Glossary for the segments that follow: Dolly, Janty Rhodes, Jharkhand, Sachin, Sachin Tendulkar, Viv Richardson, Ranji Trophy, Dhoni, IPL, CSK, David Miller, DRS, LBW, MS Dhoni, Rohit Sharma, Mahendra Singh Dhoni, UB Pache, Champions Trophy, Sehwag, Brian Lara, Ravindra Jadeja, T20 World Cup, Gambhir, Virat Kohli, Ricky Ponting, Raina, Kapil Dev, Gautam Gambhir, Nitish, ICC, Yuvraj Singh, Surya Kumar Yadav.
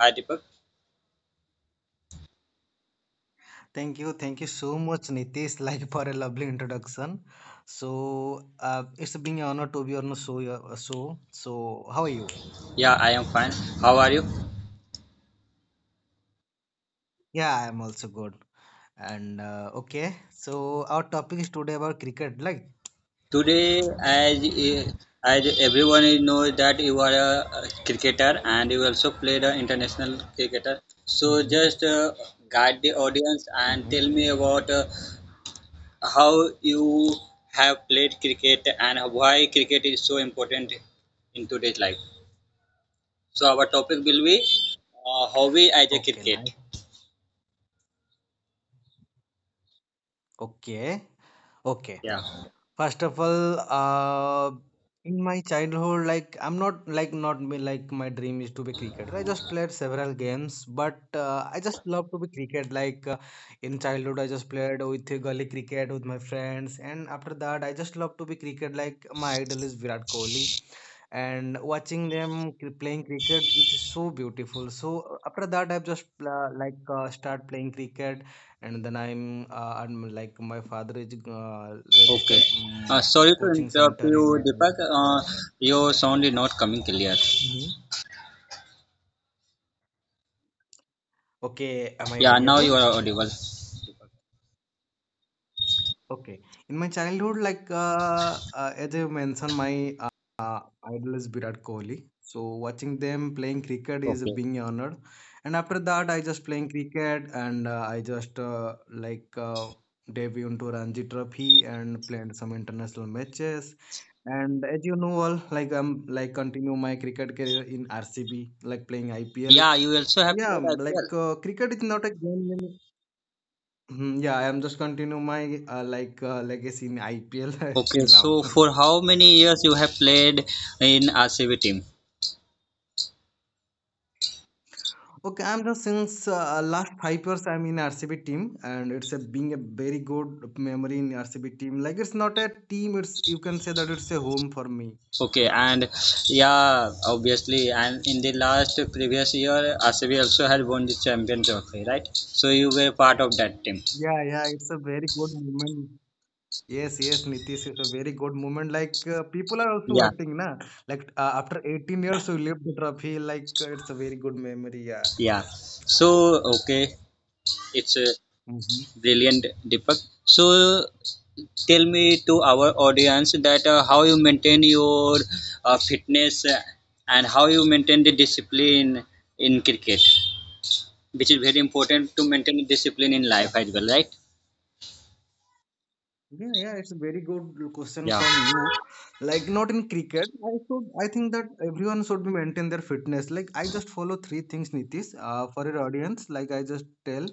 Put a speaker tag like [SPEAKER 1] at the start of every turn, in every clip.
[SPEAKER 1] Hi Deepak.
[SPEAKER 2] Thank you so much, Nitish, like for a lovely introduction. So it's been an honor to be on the show. So how are you?
[SPEAKER 1] Yeah, I am fine. How are you?
[SPEAKER 2] Yeah, I am also good. And okay, so our topic is today about cricket, like.
[SPEAKER 1] Today, as everyone is know that you are a cricketer and you also played an international cricketer. So
[SPEAKER 2] hmm
[SPEAKER 1] just guide the audience and
[SPEAKER 2] Mm-hmm.
[SPEAKER 1] tell me about how you have played cricket and why cricket is so important in today's life. So our topic will be hobby as a
[SPEAKER 2] Okay,
[SPEAKER 1] cricket.
[SPEAKER 2] nice. Okay, okay.
[SPEAKER 1] Yeah.
[SPEAKER 2] First of all, in my childhood, like I'm not like not me like my dream is to be cricketer. I just played several games, but I just love to be cricket. Like in childhood, I just played with gully cricket with my friends, and after that, I just love to be cricket. Like my idol is Virat Kohli and watching them playing cricket, it's so beautiful. So after that, I've just start playing cricket, and then I'm like my father is register
[SPEAKER 1] Okay. Sorry to
[SPEAKER 2] coaching
[SPEAKER 1] interrupt
[SPEAKER 2] center in
[SPEAKER 1] you,
[SPEAKER 2] a
[SPEAKER 1] Deepak.
[SPEAKER 2] like
[SPEAKER 1] Your sound is not coming clear.
[SPEAKER 2] Mhm. Okay, am I
[SPEAKER 1] Yeah, now
[SPEAKER 2] audible?
[SPEAKER 1] you are audible.
[SPEAKER 2] Okay. In my childhood, like as I mentioned, my idol is Virat Kohli. So watching them playing cricket is
[SPEAKER 1] Okay.
[SPEAKER 2] being honored. And after that, I just playing cricket and I just like debut into Ranji Trophy and played some international matches. And as you know, all like I'm like continue my cricket career in RCB, like playing IPL.
[SPEAKER 1] Yeah, you also have
[SPEAKER 2] Yeah,
[SPEAKER 1] played IPL.
[SPEAKER 2] like cricket is not a game. Mhm, yeah, I'm just continue my like legacy in IPL
[SPEAKER 1] Okay,
[SPEAKER 2] till now.
[SPEAKER 1] so for how many years you have played in RCB team?
[SPEAKER 2] Okay, I'm just since last 5 years I'm in RCB team and it's a being a very good memory in RCB team. Like it's not a team, it's you can say that it's a home for me.
[SPEAKER 1] Okay,
[SPEAKER 2] Yeah.
[SPEAKER 1] and yeah, obviously, and in the last previous year, RCB also had won the champion trophy, right? So you were part of that team.
[SPEAKER 2] Yeah, yeah, it's a very good moment. Yes, yes, Nitish, it's a very good moment. Like people are also
[SPEAKER 1] Yeah,
[SPEAKER 2] waiting, na? Like after 18 years we lift the trophy. Like it's a very good memory. Yeah.
[SPEAKER 1] yeah.
[SPEAKER 2] Yes.
[SPEAKER 1] So okay, it's a
[SPEAKER 2] hmm
[SPEAKER 1] brilliant, Deepak. So tell me to our audience that how you maintain your fitness and how you maintain the discipline in cricket, which is very important to maintain discipline in life as well, right?
[SPEAKER 2] Yeah, yeah, it's a very good question
[SPEAKER 1] Yeah,
[SPEAKER 2] from you. Like not in cricket, I should I think that everyone should be maintain their fitness. Like I just follow three things, Nitish, for your audience. Like I just tell,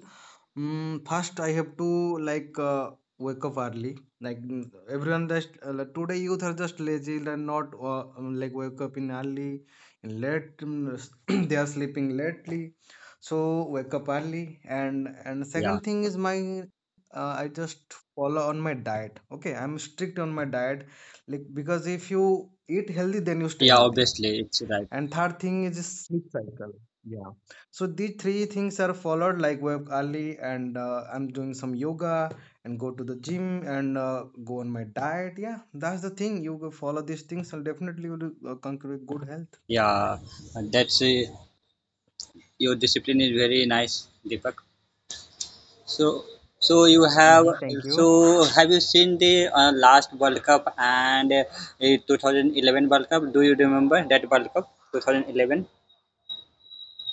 [SPEAKER 2] first I have to like wake up early. Like everyone just like, today youth are just lazy and not like wake up in early, in late. They are sleeping lately, so wake up early. And
[SPEAKER 1] yeah,
[SPEAKER 2] second thing is my I just follow on my diet. Okay, I'm strict on my diet like because if you eat healthy then you stay
[SPEAKER 1] yeah,
[SPEAKER 2] healthy,
[SPEAKER 1] obviously it's right,
[SPEAKER 2] and third thing is sleep cycle. Yeah, so these three things are followed, like wake early and I'm doing some yoga and go to the gym and go on my diet. Yeah, that's the thing, you go follow these things and definitely you will conquer with good health.
[SPEAKER 1] yeah. And that's, your discipline is very nice, Deepak. So so you have,
[SPEAKER 2] Thank
[SPEAKER 1] so
[SPEAKER 2] you.
[SPEAKER 1] have you seen the last World Cup and 2011 World Cup? Do you remember that World Cup 2011?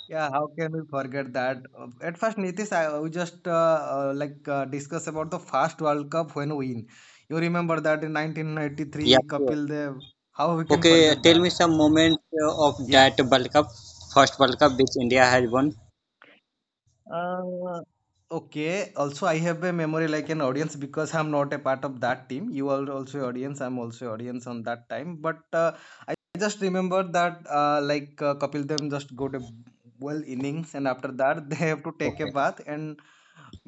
[SPEAKER 2] Yeah, how can we forget that? At first, Nitish, I we just like discuss about the first World Cup when we win. You remember that in
[SPEAKER 1] Yeah,
[SPEAKER 2] 1993,
[SPEAKER 1] sure.
[SPEAKER 2] Kapil Dev. How we can
[SPEAKER 1] Okay,
[SPEAKER 2] forget
[SPEAKER 1] tell
[SPEAKER 2] that?
[SPEAKER 1] me some moment of
[SPEAKER 2] Yeah.
[SPEAKER 1] that World Cup, first World Cup which India has won.
[SPEAKER 2] Uh, okay. Also, I have a memory like an audience because I'm not a part of that team. You are also audience. I'm also audience on that time. But I just remember that like Kapil Dev just got a well innings, and after that they have to take a
[SPEAKER 1] Okay.
[SPEAKER 2] bath. And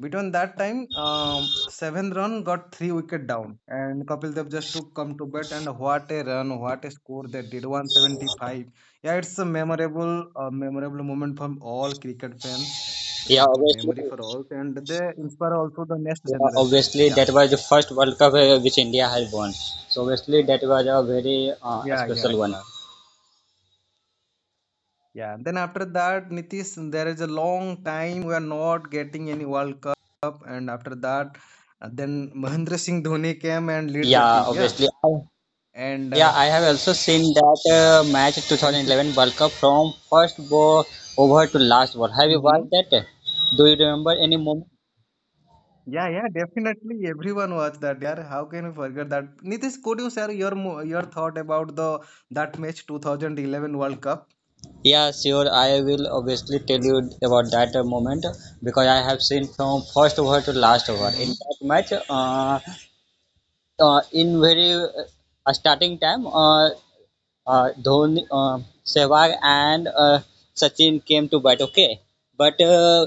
[SPEAKER 2] between that time, seventh run got three wicket down. And Kapil Dev just to come to bat, and what a run, what a score they did, 175. Yeah, it's a memorable, memorable moment from all cricket fans. It's
[SPEAKER 1] Yeah,
[SPEAKER 2] a good
[SPEAKER 1] obviously,
[SPEAKER 2] memory for all, and they inspire also the next
[SPEAKER 1] yeah,
[SPEAKER 2] generation.
[SPEAKER 1] obviously
[SPEAKER 2] Yeah.
[SPEAKER 1] that was the first World Cup which India has won. So obviously that was a very
[SPEAKER 2] Yeah, yeah,
[SPEAKER 1] special one.
[SPEAKER 2] yeah. Yeah, and then after that, Nitish, there is a long time we are not getting any World Cup, and after that, then Mahendra Singh Dhoni came and lead the
[SPEAKER 1] Yeah,
[SPEAKER 2] team. Yeah,
[SPEAKER 1] obviously.
[SPEAKER 2] and
[SPEAKER 1] Yeah, I have also seen that
[SPEAKER 2] Yeah.
[SPEAKER 1] match
[SPEAKER 2] and
[SPEAKER 1] 2011 World Cup from first bo- over to last over. Have you
[SPEAKER 2] hmm
[SPEAKER 1] watched that? Do you remember any moment?
[SPEAKER 2] Yeah, yeah, definitely everyone watched that. Yeah, how can you forget that? Nitish, could you share your your thought about the that match 2011 World Cup?
[SPEAKER 1] Yeah, sure. I will obviously tell you about that moment because I have seen from first over to last over in
[SPEAKER 2] Mm-hmm.
[SPEAKER 1] that match. In very starting time, Dhoni, Sehwag and Sachin came to bat. Okay, but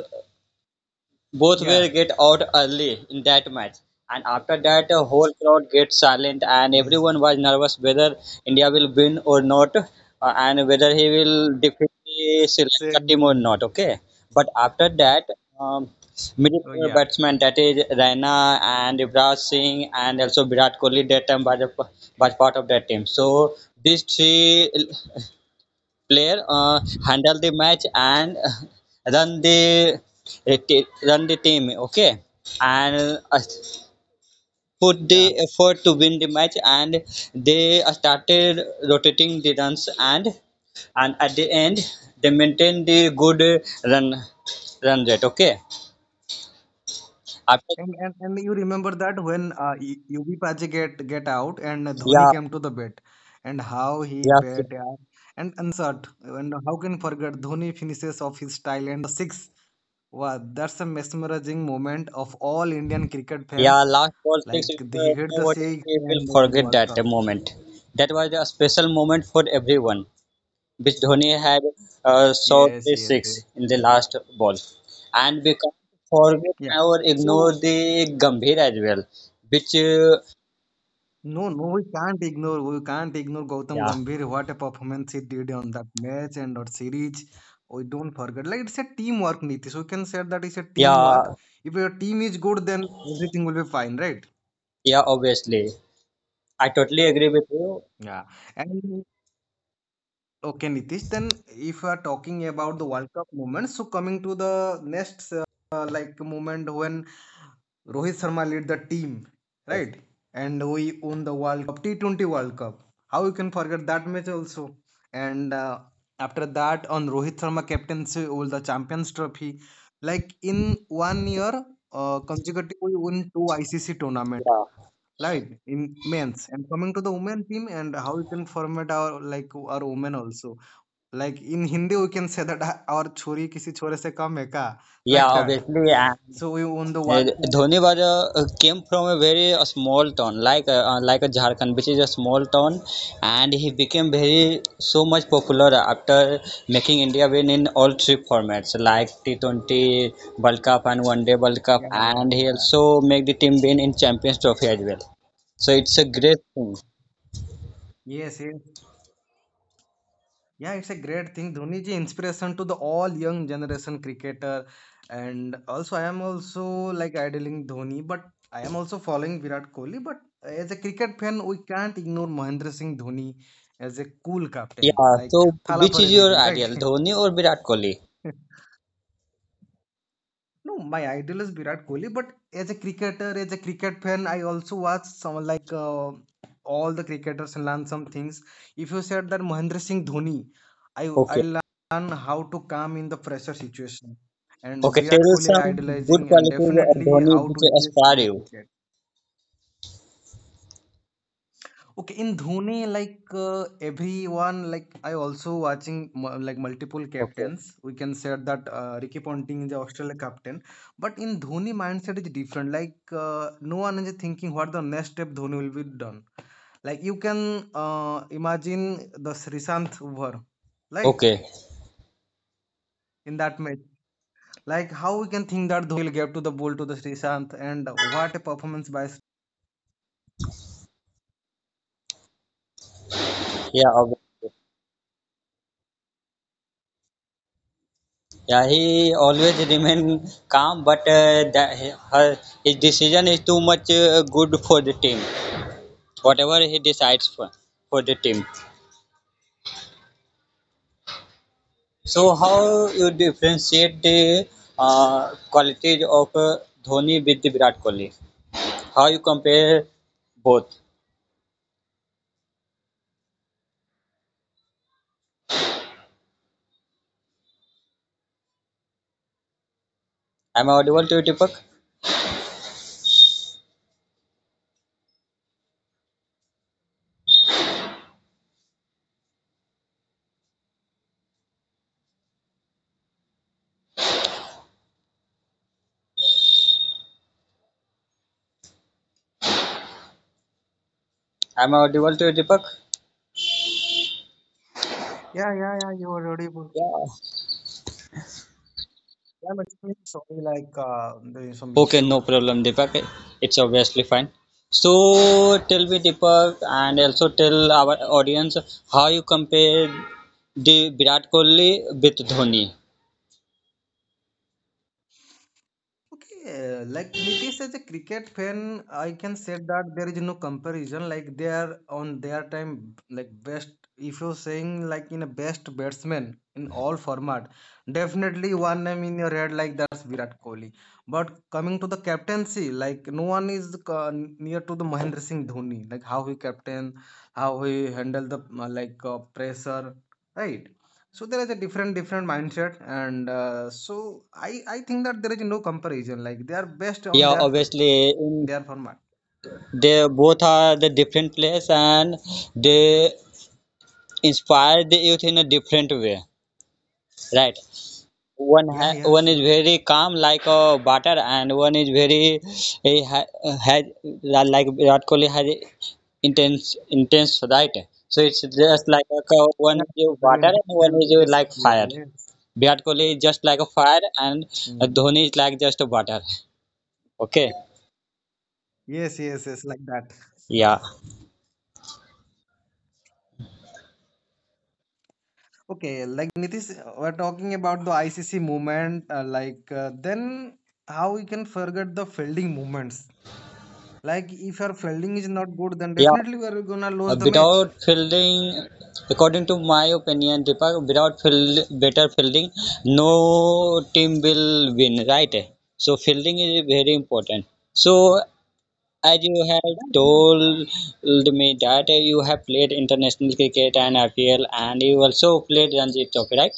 [SPEAKER 1] both
[SPEAKER 2] Yeah.
[SPEAKER 1] will get out early in that match. And after that, the whole crowd gets silent, and
[SPEAKER 2] Yes, yes.
[SPEAKER 1] everyone was nervous whether India will win or not, and whether he will defeat the Sri Lanka
[SPEAKER 2] Same,
[SPEAKER 1] team or
[SPEAKER 2] same.
[SPEAKER 1] not. Okay, but after that, um, middle
[SPEAKER 2] Oh
[SPEAKER 1] order
[SPEAKER 2] yeah,
[SPEAKER 1] batsman, that is Raina and Yuvraj Singh, and also Virat Kohli that time was, was part of that team. So these three player handle the match and run the run the team. Okay, and put the
[SPEAKER 2] yeah,
[SPEAKER 1] effort to win the match, and they started rotating the runs, and at the end they maintain the good run run rate. Okay, after,
[SPEAKER 2] and you remember that when UB Pache get out and Dhoni
[SPEAKER 1] yeah,
[SPEAKER 2] came to the bat, and how he
[SPEAKER 1] yeah,
[SPEAKER 2] bat,
[SPEAKER 1] sure.
[SPEAKER 2] yeah. And Shot, and how can forget Dhoni finishes of his style and the six. Wow, that's a mesmerizing moment of all Indian cricket
[SPEAKER 1] Yeah,
[SPEAKER 2] fans.
[SPEAKER 1] last ball six,
[SPEAKER 2] Like they hit the
[SPEAKER 1] nobody
[SPEAKER 2] six
[SPEAKER 1] will
[SPEAKER 2] and won the
[SPEAKER 1] forget
[SPEAKER 2] World
[SPEAKER 1] that
[SPEAKER 2] Cup.
[SPEAKER 1] moment. That was a special moment for everyone, which Dhoni had shot
[SPEAKER 2] Yes,
[SPEAKER 1] a
[SPEAKER 2] yes,
[SPEAKER 1] six
[SPEAKER 2] yes.
[SPEAKER 1] in the last ball. And we can't forget
[SPEAKER 2] Yeah.
[SPEAKER 1] or ignore
[SPEAKER 2] So
[SPEAKER 1] the Gambhir as well, which,
[SPEAKER 2] no, no, we can't ignore. We can't ignore Gautam
[SPEAKER 1] yeah,
[SPEAKER 2] Gambhir. What a performance he did on that match and or series. We don't forget. Like it's a teamwork, Nitish. We can say that it's a teamwork.
[SPEAKER 1] yeah,
[SPEAKER 2] If your team is good, then everything will be fine, right?
[SPEAKER 1] yeah, obviously. I totally agree with you.
[SPEAKER 2] Yeah. And okay, Nitish. Then, if you are talking about the World Cup moment, so coming to the next like moment when Rohit Sharma led the team,
[SPEAKER 1] Yes,
[SPEAKER 2] right? And we won the World Cup, T20 World Cup. How you can forget that match also? And after that, on Rohit Sharma captaincy, we the Champions Trophy. Like in one year, consecutive we won two ICC tournament.
[SPEAKER 1] yeah.
[SPEAKER 2] Right? In men's and coming to the women team and how you can format our like our women also. Like in Hindi, we can say that "Ah, our chori kisi chore se kam hai ka,"
[SPEAKER 1] Yeah,
[SPEAKER 2] like that.
[SPEAKER 1] obviously. And
[SPEAKER 2] So we won the World
[SPEAKER 1] Uh,
[SPEAKER 2] Cup.
[SPEAKER 1] Dhoni was came from a very a small town, like a Jharkhand, which is a small town, and he became very so much popular after making India win in all three formats, like T20 World Cup and One Day World Cup,
[SPEAKER 2] Yeah, yeah,
[SPEAKER 1] and he
[SPEAKER 2] yeah.
[SPEAKER 1] also made the team win in Champions Trophy as well. So it's a great thing.
[SPEAKER 2] Yes, yes. Yeah, it's a great thing. Dhoni ji inspiration to the all young generation cricketer, and also I am also like idling Dhoni, but I am also following Virat Kohli. But as a cricket fan, we can't ignore Mahendra Singh Dhoni as a cool captain,
[SPEAKER 1] Yeah.
[SPEAKER 2] like
[SPEAKER 1] So
[SPEAKER 2] Thala
[SPEAKER 1] which
[SPEAKER 2] for
[SPEAKER 1] is
[SPEAKER 2] a
[SPEAKER 1] your
[SPEAKER 2] reason, right?
[SPEAKER 1] ideal, Dhoni or Virat Kohli?
[SPEAKER 2] No, my idol is Virat Kohli, but as a cricketer, as a cricket fan, I also watch some like all the cricketers and learn some things. If you said that Mahendra Singh Dhoni, I
[SPEAKER 1] Okay.
[SPEAKER 2] learn how to calm in the pressure situation, and
[SPEAKER 1] Okay.
[SPEAKER 2] Virat
[SPEAKER 1] Tell
[SPEAKER 2] Kohli I
[SPEAKER 1] some good
[SPEAKER 2] idolizing and
[SPEAKER 1] qualities of
[SPEAKER 2] definitely
[SPEAKER 1] Dhoni
[SPEAKER 2] how
[SPEAKER 1] which
[SPEAKER 2] to
[SPEAKER 1] inspire
[SPEAKER 2] aggressive in
[SPEAKER 1] you.
[SPEAKER 2] cricket. Okay, in Dhoni, like everyone, like I also watching like multiple
[SPEAKER 1] Okay.
[SPEAKER 2] captains. We can say that Ricky Ponting is the Australia captain, but in Dhoni mindset is different. Like no one is thinking what the next step Dhoni will be done. Like you can imagine the Srisant over, right?
[SPEAKER 1] Okay.
[SPEAKER 2] In that match, like how we can think that Dhoni will give to the ball to the Srisant and what a performance by
[SPEAKER 1] Yeah, obviously. Yeah, he always remain calm, but his decision is too much good for the team. Whatever he decides for the team. So how you differentiate the qualities of Dhoni with the Virat Kohli? How you compare both? Am I audible to you, Deepak? Am I audible to you, Deepak?
[SPEAKER 2] Yeah, yeah, yeah, you are audible.
[SPEAKER 1] Yeah,
[SPEAKER 2] I'm extremely sorry, like there is some
[SPEAKER 1] okay, no
[SPEAKER 2] issue.
[SPEAKER 1] problem, Deepak. It's obviously fine. So tell me, Deepak, and also tell our audience how you compare the Virat Kohli with Dhoni.
[SPEAKER 2] Okay, like Nitish as a cricket fan, I can say that there is no comparison. Like they are on their time, like best. If you're saying like in a best batsman in all format, definitely one name in your head like that's Virat Kohli. But coming to the captaincy, like no one is near to the Mahendra Singh Dhoni. Like how he captain, how he handle the like pressure, right? So there is a different different mindset and so I think that there is no comparison, like they are best on
[SPEAKER 1] Yeah,
[SPEAKER 2] their field,
[SPEAKER 1] obviously, in,
[SPEAKER 2] their format.
[SPEAKER 1] they both are the different players and they inspire the youth in a different way, right? One ha
[SPEAKER 2] Yeah, yeah,
[SPEAKER 1] one is
[SPEAKER 2] sure.
[SPEAKER 1] very calm like a batter, and one is very he ha has like Virat Kohli has intense, right? So it's just like a one
[SPEAKER 2] Yeah,
[SPEAKER 1] is a
[SPEAKER 2] very
[SPEAKER 1] water and one
[SPEAKER 2] intelligent
[SPEAKER 1] is a
[SPEAKER 2] leadership
[SPEAKER 1] like
[SPEAKER 2] player,
[SPEAKER 1] fire.
[SPEAKER 2] yes.
[SPEAKER 1] Virat Kohli is just like a fire and
[SPEAKER 2] Hmm.
[SPEAKER 1] Dhoni is like just a water. Okay,
[SPEAKER 2] Yes, yes, yes, like that.
[SPEAKER 1] yeah,
[SPEAKER 2] Okay, like Nitish, we're talking about the ICC movement. Like then, how we can forget the fielding movements? Like if your fielding is not good, then
[SPEAKER 1] yeah.
[SPEAKER 2] definitely we are gonna lose the match.
[SPEAKER 1] Without fielding, according to my opinion, Deepak, without field, better fielding, no team will win, right? So fielding is very important. So as you have
[SPEAKER 2] Yeah, yeah.
[SPEAKER 1] told me that you have played international cricket and IPL, and you also played Ranji Trophy, right?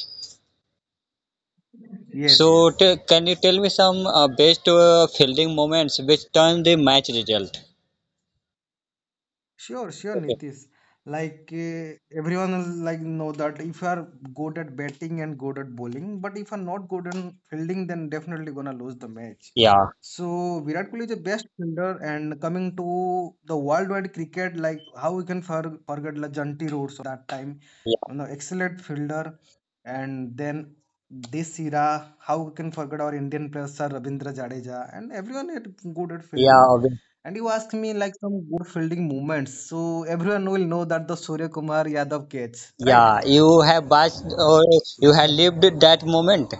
[SPEAKER 2] Yes,
[SPEAKER 1] So
[SPEAKER 2] yes.
[SPEAKER 1] can you tell me some best fielding moments which turn the match result?
[SPEAKER 2] Sure, sure,
[SPEAKER 1] Okay.
[SPEAKER 2] Nitish. Like everyone is like know that if you are good at batting and good at bowling, but if you're not good in fielding, then definitely gonna lose the match.
[SPEAKER 1] Yeah.
[SPEAKER 2] So Virat Kohli is the best fielder, and coming to the worldwide cricket, like how we can forget like Janty Rhodes that time,
[SPEAKER 1] Yeah.
[SPEAKER 2] you know, excellent fielder, and then this era, how we can forget our Indian players sir, Ravindra Jadeja, and everyone is good at
[SPEAKER 1] Yeah.
[SPEAKER 2] fielding. And you ask me like some good fielding moments. So everyone will know that the Surya Kumar Yadav catch, right?
[SPEAKER 1] Yeah, you have watched or you
[SPEAKER 2] Yeah,
[SPEAKER 1] have
[SPEAKER 2] yeah,
[SPEAKER 1] lived that moment.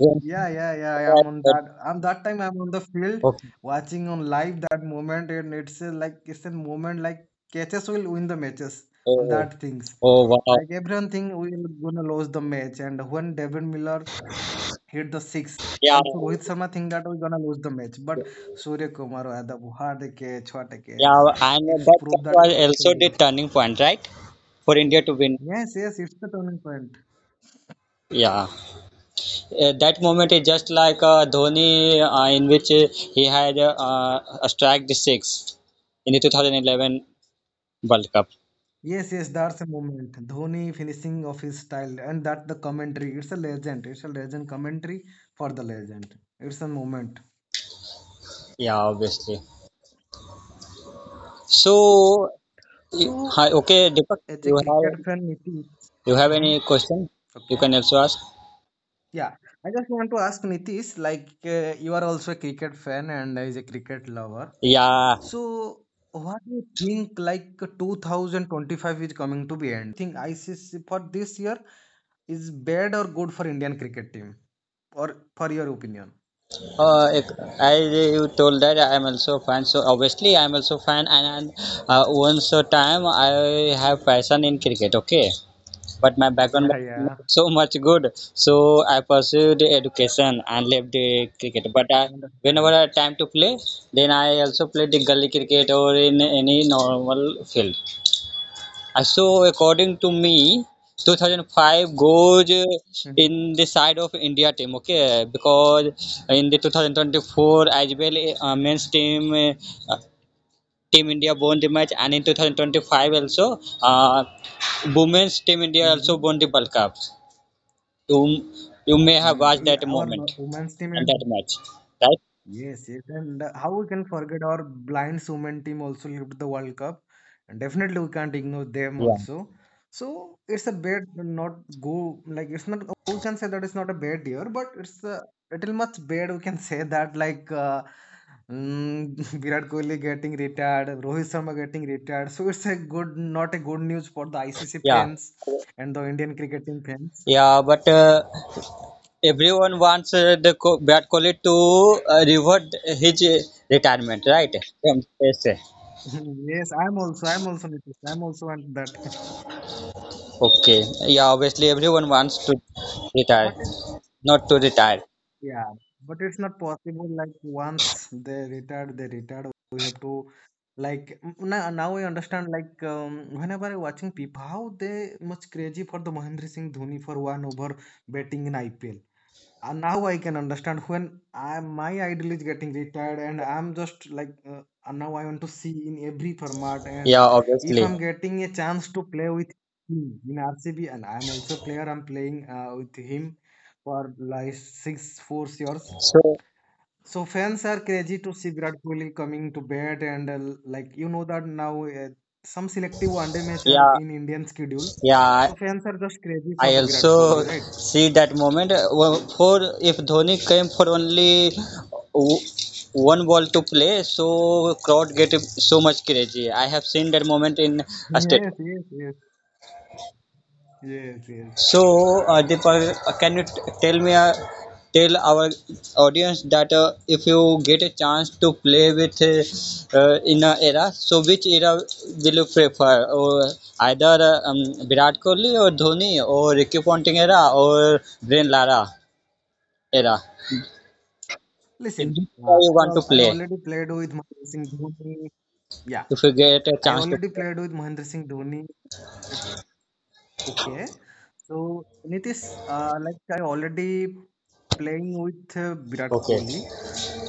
[SPEAKER 1] Yeah.
[SPEAKER 2] yeah, yeah. Yeah, I am on that. I'm that time. I'm on the field
[SPEAKER 1] Okay.
[SPEAKER 2] watching on live that moment, and it's a, like it's a moment like catches will win the matches on
[SPEAKER 1] Oh,
[SPEAKER 2] that things.
[SPEAKER 1] oh, wow.
[SPEAKER 2] Like everyone think we will gonna lose the match, and when David Miller hit the six.
[SPEAKER 1] Yeah,
[SPEAKER 2] Also, Rohit Sharma think that we're gonna lose the match, but Surya Kumar had the hard catch, what a catch.
[SPEAKER 1] yeah, and
[SPEAKER 2] It's
[SPEAKER 1] that
[SPEAKER 2] proved that.
[SPEAKER 1] was also the turning point, right? For India to win.
[SPEAKER 2] Yes, yes, it's the turning point.
[SPEAKER 1] Yeah, that moment is just like Dhoni, in which he had struck the six in the 2011 World Cup.
[SPEAKER 2] Yes, yes, that's a moment. Dhoni finishing of his style, and that the commentary. It's a legend. It's a legend commentary for the legend. It's a moment.
[SPEAKER 1] Yeah, obviously. So,
[SPEAKER 2] So,
[SPEAKER 1] hi, okay, Deepak,
[SPEAKER 2] as a
[SPEAKER 1] you have.
[SPEAKER 2] cricket fan, Nitish.
[SPEAKER 1] You have
[SPEAKER 2] Mhm.
[SPEAKER 1] any question? You
[SPEAKER 2] Okay.
[SPEAKER 1] can also ask.
[SPEAKER 2] Yeah, I just want to ask Nitish, like you are also a cricket fan and is a cricket lover.
[SPEAKER 1] Yeah,
[SPEAKER 2] So, what do you think like 2025 is coming to be end? So, what do you think ICC for this year is bad or good for Indian cricket team? Or for your opinion?
[SPEAKER 1] as you told that I am also fan. So obviously I am also fan, and once a time I have passion in cricket. Okay, but my background
[SPEAKER 2] Yeah,
[SPEAKER 1] was
[SPEAKER 2] yeah,
[SPEAKER 1] not so much good, so I pursued education and left the cricket. But I, whenever
[SPEAKER 2] understand.
[SPEAKER 1] I have time to play, then I also play the gully cricket or in any normal field. So according to me, 2005 goes in
[SPEAKER 2] Mm-hmm.
[SPEAKER 1] the side of India team, okay? Because in the 2024 as well, men's team, uh, Team India won the match, and in 2025 also, women's Team India also
[SPEAKER 2] Mm-hmm.
[SPEAKER 1] won the World Cup. You, you may have
[SPEAKER 2] Mm,
[SPEAKER 1] watched
[SPEAKER 2] yeah,
[SPEAKER 1] that
[SPEAKER 2] our
[SPEAKER 1] moment
[SPEAKER 2] women's team
[SPEAKER 1] and that
[SPEAKER 2] and
[SPEAKER 1] match, right?
[SPEAKER 2] yes, yes, and how we can forget our blind women team also lived the World Cup, and definitely we can't ignore them
[SPEAKER 1] Yeah,
[SPEAKER 2] also. So it's a bad not go like it's not we can say that it's not a bad year, but it's a little much bad we can say that like mm, Virat Kohli getting retired, Rohit Sharma getting retired. So it's a good not a good news for the ICC
[SPEAKER 1] yeah,
[SPEAKER 2] fans and the Indian cricketing fans.
[SPEAKER 1] yeah. But everyone wants Virat Kohli to revert his retirement, right? From, yes, yes.
[SPEAKER 2] Yes, I'm also Nitish. I'm also on that,
[SPEAKER 1] Okay. Yeah, obviously everyone wants to
[SPEAKER 2] but.
[SPEAKER 1] retire, not to retire.
[SPEAKER 2] Yeah, but it's not possible. Like once they retired, they retired. We have to, like now, now I understand. Like whenever I watching people, how they much crazy for the Mahendra Singh Dhoni for one over batting in IPL now I can understand my idol is getting retired and I'm just like now I want to see in every format, and
[SPEAKER 1] Yeah,
[SPEAKER 2] if
[SPEAKER 1] obviously.
[SPEAKER 2] I'm getting a chance to play with him in RCB and I'm also player I'm playing with him for like six four years,
[SPEAKER 1] So
[SPEAKER 2] so fans are crazy to see Virat Kohli coming to bat and like you know that now some selective one day match are
[SPEAKER 1] yeah,
[SPEAKER 2] in Indian schedule,
[SPEAKER 1] yeah. I
[SPEAKER 2] so fans are just crazy for
[SPEAKER 1] I
[SPEAKER 2] the Virat
[SPEAKER 1] also
[SPEAKER 2] Kohli, right?
[SPEAKER 1] see that moment. For if Dhoni came for only w- one ball to play, so crowd get so much crazy. I have seen that moment in a stadium.
[SPEAKER 2] Yes, yes, yes, yes, yes.
[SPEAKER 1] So, Deepak, can you tell me, tell our audience that if you get a chance to play with in a era, so which era will you prefer? Or either Virat Kohli or Dhoni or Ricky Ponting era or Brian Lara era?
[SPEAKER 2] Listen,
[SPEAKER 1] In which era you want to
[SPEAKER 2] I
[SPEAKER 1] play
[SPEAKER 2] already played with Mahendra Singh Dhoni. Yeah,
[SPEAKER 1] if you get a
[SPEAKER 2] I
[SPEAKER 1] chance to
[SPEAKER 2] already
[SPEAKER 1] play?
[SPEAKER 2] played with Mahendra Singh Dhoni. Okay. So Nitish, like I already playing with Virat
[SPEAKER 1] Okay.
[SPEAKER 2] Kohli,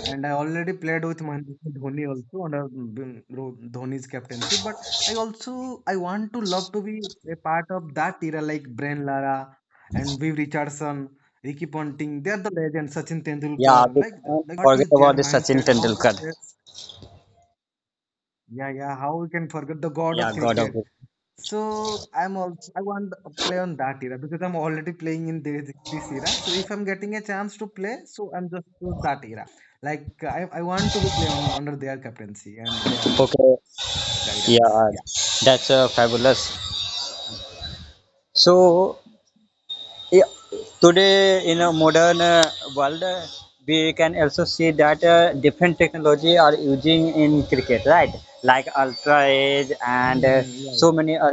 [SPEAKER 2] and I already played with Mahendra Singh Dhoni also under Dhoni's captaincy. But I want to love to be a part of that era like Brian Lara and Viv Richardson, Ricky Ponting. They are the legends. Sachin
[SPEAKER 1] Yeah,
[SPEAKER 2] Tendulkar.
[SPEAKER 1] we can't
[SPEAKER 2] Like what
[SPEAKER 1] forget
[SPEAKER 2] is their
[SPEAKER 1] about the Sachin
[SPEAKER 2] mindset? How they
[SPEAKER 1] Tendulkar.
[SPEAKER 2] face? Yeah, yeah. How we can forget the god
[SPEAKER 1] Yeah,
[SPEAKER 2] of
[SPEAKER 1] God of
[SPEAKER 2] cricket?
[SPEAKER 1] it.
[SPEAKER 2] So I want to play on that era because I'm already playing in this era. So if I'm getting a chance to play, so I'm just to that era. Like I want to be play on under their captaincy and their
[SPEAKER 1] Okay.
[SPEAKER 2] guidance.
[SPEAKER 1] Yeah,
[SPEAKER 2] Yeah.
[SPEAKER 1] that's fabulous. So yeah, today in a modern world, we can also see that different technology are using in cricket, right? Like ultra edge and
[SPEAKER 2] Hmm. Yeah,
[SPEAKER 1] so
[SPEAKER 2] yeah.
[SPEAKER 1] many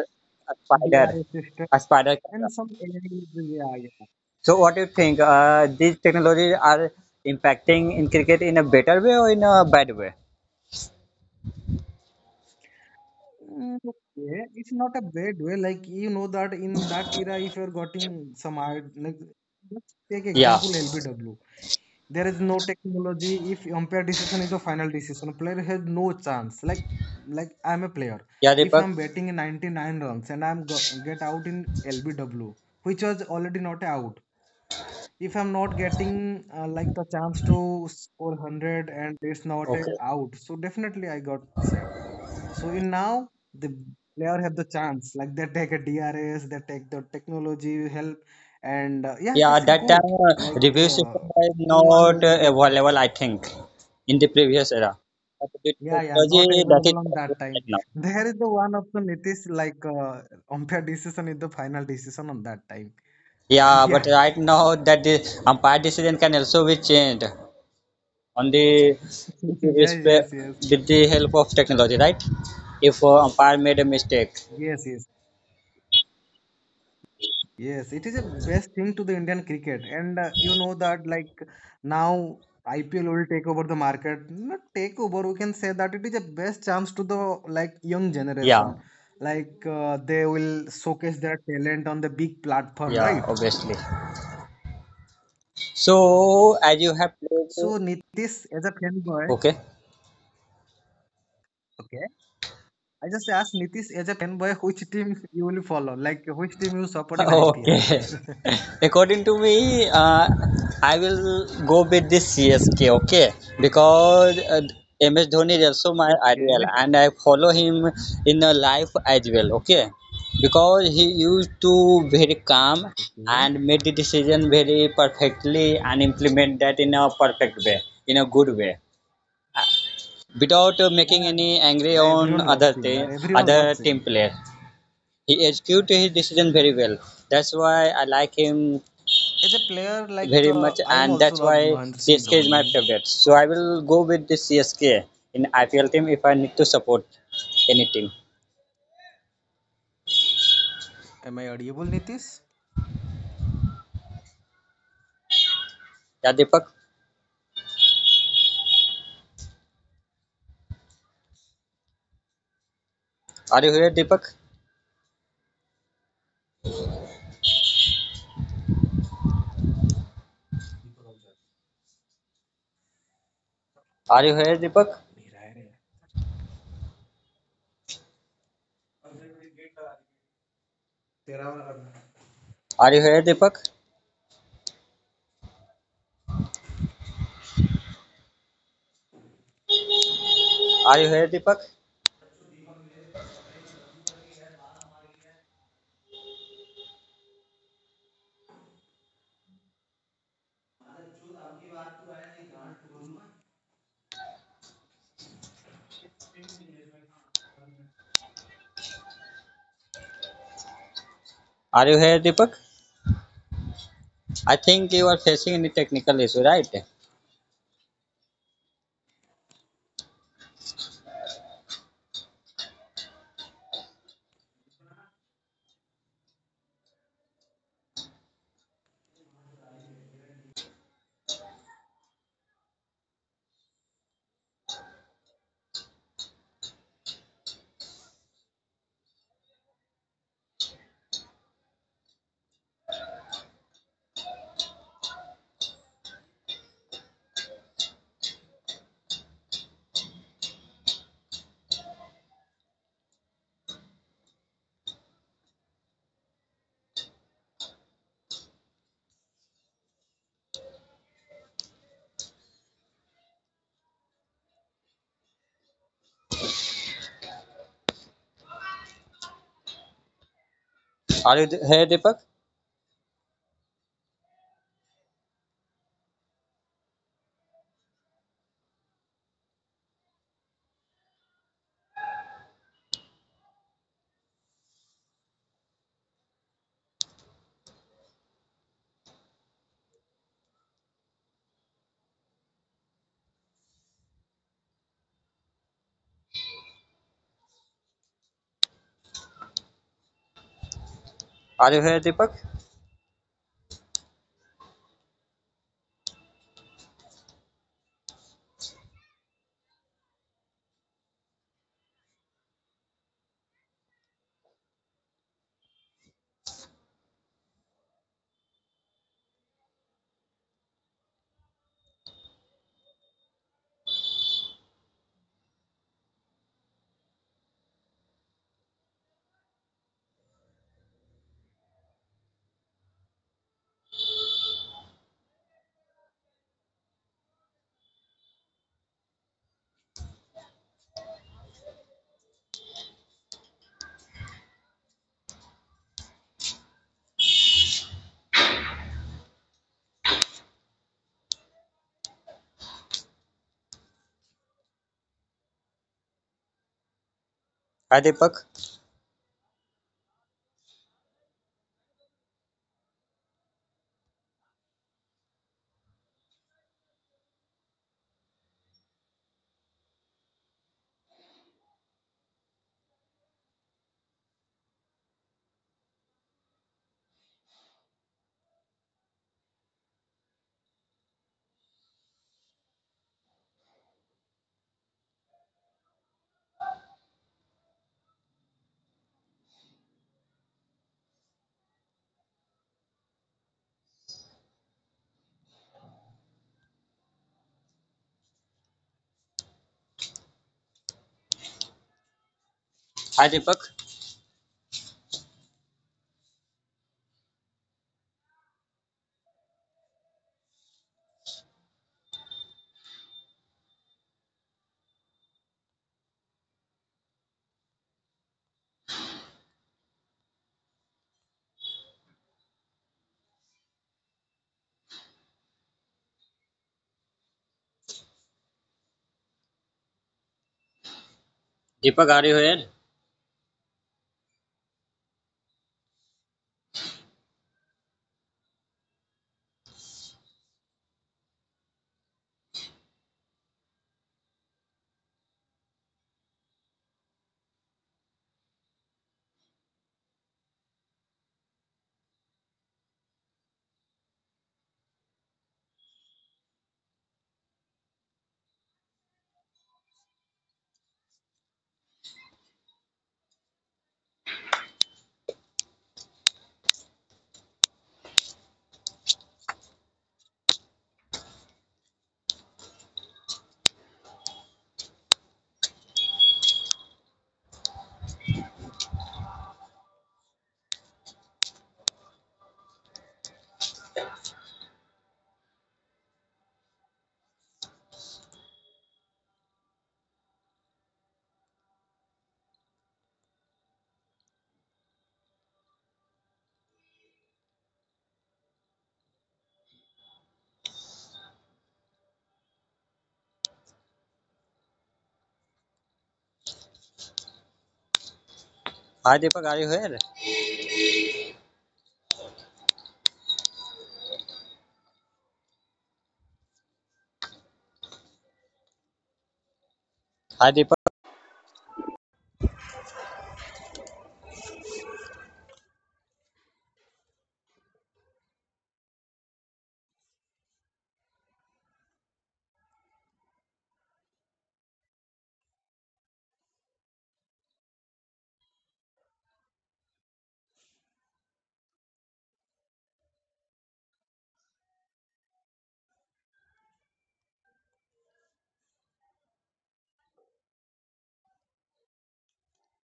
[SPEAKER 1] a spider,
[SPEAKER 2] DRS system
[SPEAKER 1] a spider
[SPEAKER 2] and
[SPEAKER 1] camera.
[SPEAKER 2] some AI. Yeah, yeah.
[SPEAKER 1] So what do you think? These technologies are impacting in cricket in a better way or in a bad way?
[SPEAKER 2] Mm, okay, it's not a bad way. Like you know that in that era, if you're getting some art, like let's take
[SPEAKER 1] Yeah.
[SPEAKER 2] example LBW. There is no technology. If umpire decision is the final decision, player has no chance. Like I'm a player.
[SPEAKER 1] Yeah,
[SPEAKER 2] If
[SPEAKER 1] Deepak.
[SPEAKER 2] I'm batting in 99 runs and I'm go get out in LBW, which was already not out. If I'm not getting like the chance to score 100 and it's not a
[SPEAKER 1] Okay.
[SPEAKER 2] out, so definitely I got sad. So in now the player have the chance like they take a DRS, they take the technology help, and yeah,
[SPEAKER 1] Yeah,
[SPEAKER 2] it's
[SPEAKER 1] at
[SPEAKER 2] a
[SPEAKER 1] that time
[SPEAKER 2] good like
[SPEAKER 1] review system was
[SPEAKER 2] no one
[SPEAKER 1] not
[SPEAKER 2] will get.
[SPEAKER 1] available, I think, in the previous era. But with
[SPEAKER 2] Yeah, yeah, not
[SPEAKER 1] technology that is
[SPEAKER 2] available on that
[SPEAKER 1] possible
[SPEAKER 2] time.
[SPEAKER 1] right now.
[SPEAKER 2] There is the one option. It is like umpire decision is the final decision on that time. And
[SPEAKER 1] Yeah, but
[SPEAKER 2] yeah,
[SPEAKER 1] right now that the umpire decision can also be changed on the with the,
[SPEAKER 2] yeah, yes, yes,
[SPEAKER 1] with the help of technology, right? If umpire made a mistake,
[SPEAKER 2] yes, yes. Yes, it is a best thing to the Indian cricket, and you know that like now IPL will take over the market. Not take over, we can say that it is a best chance to the like young
[SPEAKER 1] yeah,
[SPEAKER 2] generation. Like they will showcase their talent on the big platform,
[SPEAKER 1] yeah,
[SPEAKER 2] right?
[SPEAKER 1] obviously. So as you have played,
[SPEAKER 2] So Nitish, as a fanboy,
[SPEAKER 1] okay.
[SPEAKER 2] okay, I just asked Nitish as a fanboy, which team you will follow? Like which team you support in IPL?
[SPEAKER 1] Okay. According to me, I will go with this CSK, okay? Because MS Dhoni is also my
[SPEAKER 2] Okay,
[SPEAKER 1] ideal and I follow him in life as well, okay? Because he used to very calm
[SPEAKER 2] okay,
[SPEAKER 1] and made the decision very perfectly and implement that in a perfect way, in a good way, uh, without making
[SPEAKER 2] yeah,
[SPEAKER 1] any angry
[SPEAKER 2] yeah,
[SPEAKER 1] on
[SPEAKER 2] everyone loves
[SPEAKER 1] other,
[SPEAKER 2] him, yeah, everyone
[SPEAKER 1] other
[SPEAKER 2] loves him.
[SPEAKER 1] team player. He executed his decision very well. That's why I like him
[SPEAKER 2] As a player, like
[SPEAKER 1] very much,
[SPEAKER 2] I am
[SPEAKER 1] and
[SPEAKER 2] also
[SPEAKER 1] that's
[SPEAKER 2] love
[SPEAKER 1] why
[SPEAKER 2] Mahendra Singh
[SPEAKER 1] CSK is my
[SPEAKER 2] Dhoni.
[SPEAKER 1] favorite. So I will go with the CSK in IPL team if I need to support any team.
[SPEAKER 2] Am I audible, Nitish?
[SPEAKER 1] Yeah, Deepak, are you here, Deepak? Are you here, Deepak? Are you here, Deepak? Are you here, Deepak? Are you here, Deepak? I think you are facing any technical issue, right? Are you here, Deepak? Are you here, Deepak? Hi, Deepak. Hi, Deepak. Deepak, are you here? Hi, Deepak, are you here? Hi, Deepak.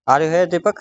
[SPEAKER 1] Are you here, Deepak?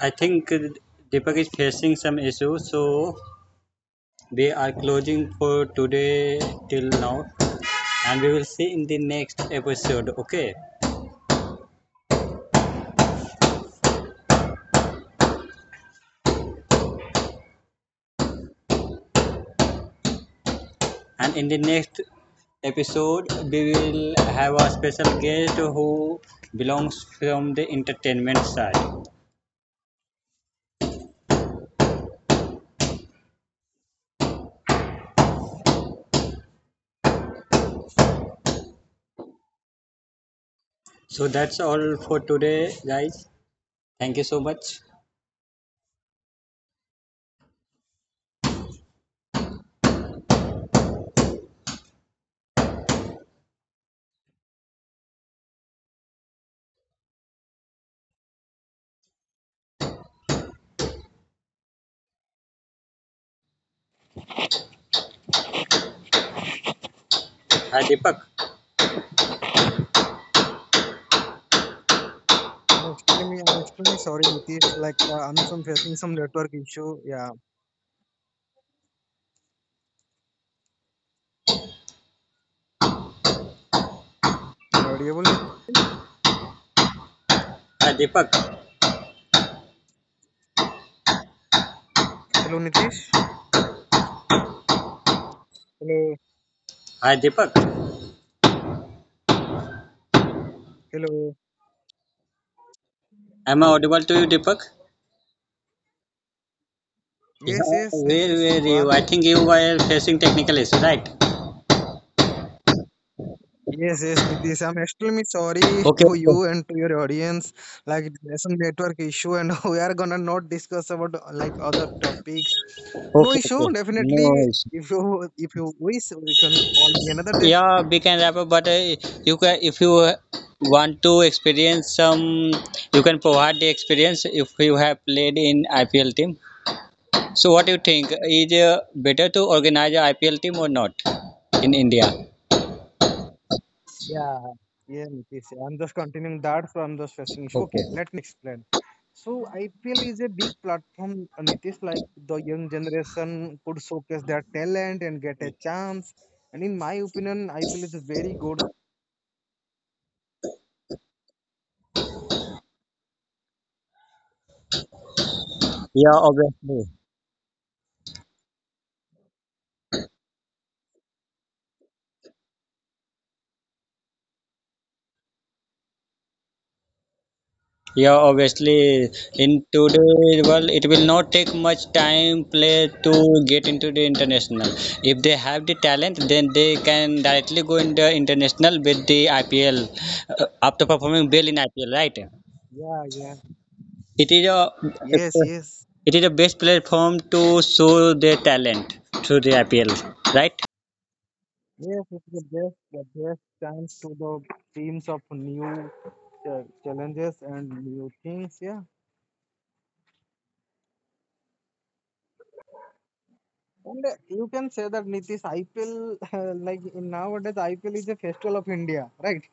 [SPEAKER 1] I think Deepak is facing some issues, so we are closing for today till now, and we will see in the next episode. Okay, and in the next episode, we will have a special guest who belongs from the entertainment side. So that's all for today, guys. Thank you so much. Hi, Deepak.
[SPEAKER 2] I'm extremely sorry, Nitish. Like, I'm some facing some network issue. Yeah. Am I audible, Nitish?
[SPEAKER 1] Hi, Deepak.
[SPEAKER 2] Hello, Nitish. Hello.
[SPEAKER 1] Hi, Deepak.
[SPEAKER 2] Hello.
[SPEAKER 1] Am I audible to you, Deepak?
[SPEAKER 2] Yes,
[SPEAKER 1] Yeah,
[SPEAKER 2] yes,
[SPEAKER 1] where
[SPEAKER 2] Nitish, you
[SPEAKER 1] were
[SPEAKER 2] are.
[SPEAKER 1] you? I think you were facing technical issue, right?
[SPEAKER 2] Yes, yes, Nitish. I'm extremely sorry
[SPEAKER 1] Okay,
[SPEAKER 2] to
[SPEAKER 1] okay,
[SPEAKER 2] you and to your audience. Like, there's some network issue, and we are gonna not discuss about like other topics. No
[SPEAKER 1] okay,
[SPEAKER 2] issue.
[SPEAKER 1] okay.
[SPEAKER 2] Definitely,
[SPEAKER 1] No issue.
[SPEAKER 2] if you wish, you can call me another day.
[SPEAKER 1] Yeah, we can wrap up, but you can if you want to experience some, you can provide the experience if you have played in IPL team. So, what do you think? Is better to organize a IPL team or not in India?
[SPEAKER 2] Yeah, yeah, Nitish, yeah. I'm just continuing that from the stressing issue. Okay,
[SPEAKER 1] Okay.
[SPEAKER 2] let explain. So IPL is a big platform, Nitish. Like the young generation could showcase their talent and get a chance. And in my opinion, IPL is a very good.
[SPEAKER 1] Yeah, obviously. Yeah, obviously, in today's world, it will not take much time player to get into the international. If they have the talent, then they can directly go in the international with the IPL after performing well in IPL, right?
[SPEAKER 2] Yeah, yeah.
[SPEAKER 1] It is a
[SPEAKER 2] Yes, yes.
[SPEAKER 1] it is a best platform to show their talent through the IPL, right?
[SPEAKER 2] Yes, it's the best chance to the teams of new challenges and new things. Yeah, and you can say that Nitish IPL, like in nowadays, IPL is a festival of India, right?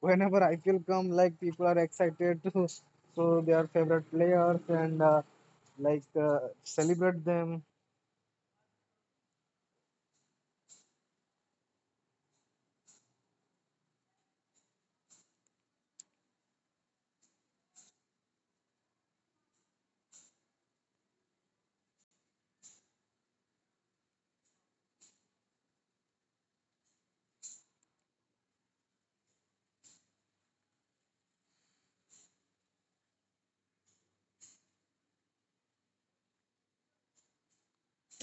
[SPEAKER 2] Whenever IPL come, like people are excited to show their favorite players and like celebrate them.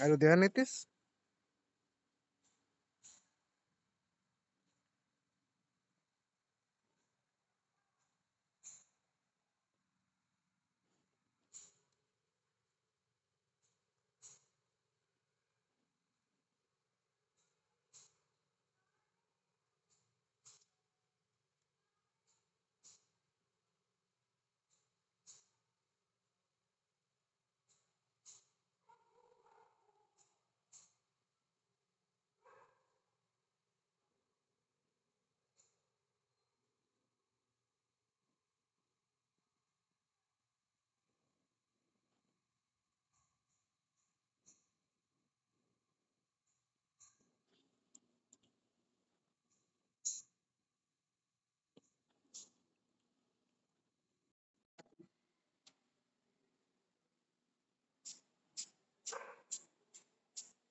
[SPEAKER 2] Are you there, Nitish?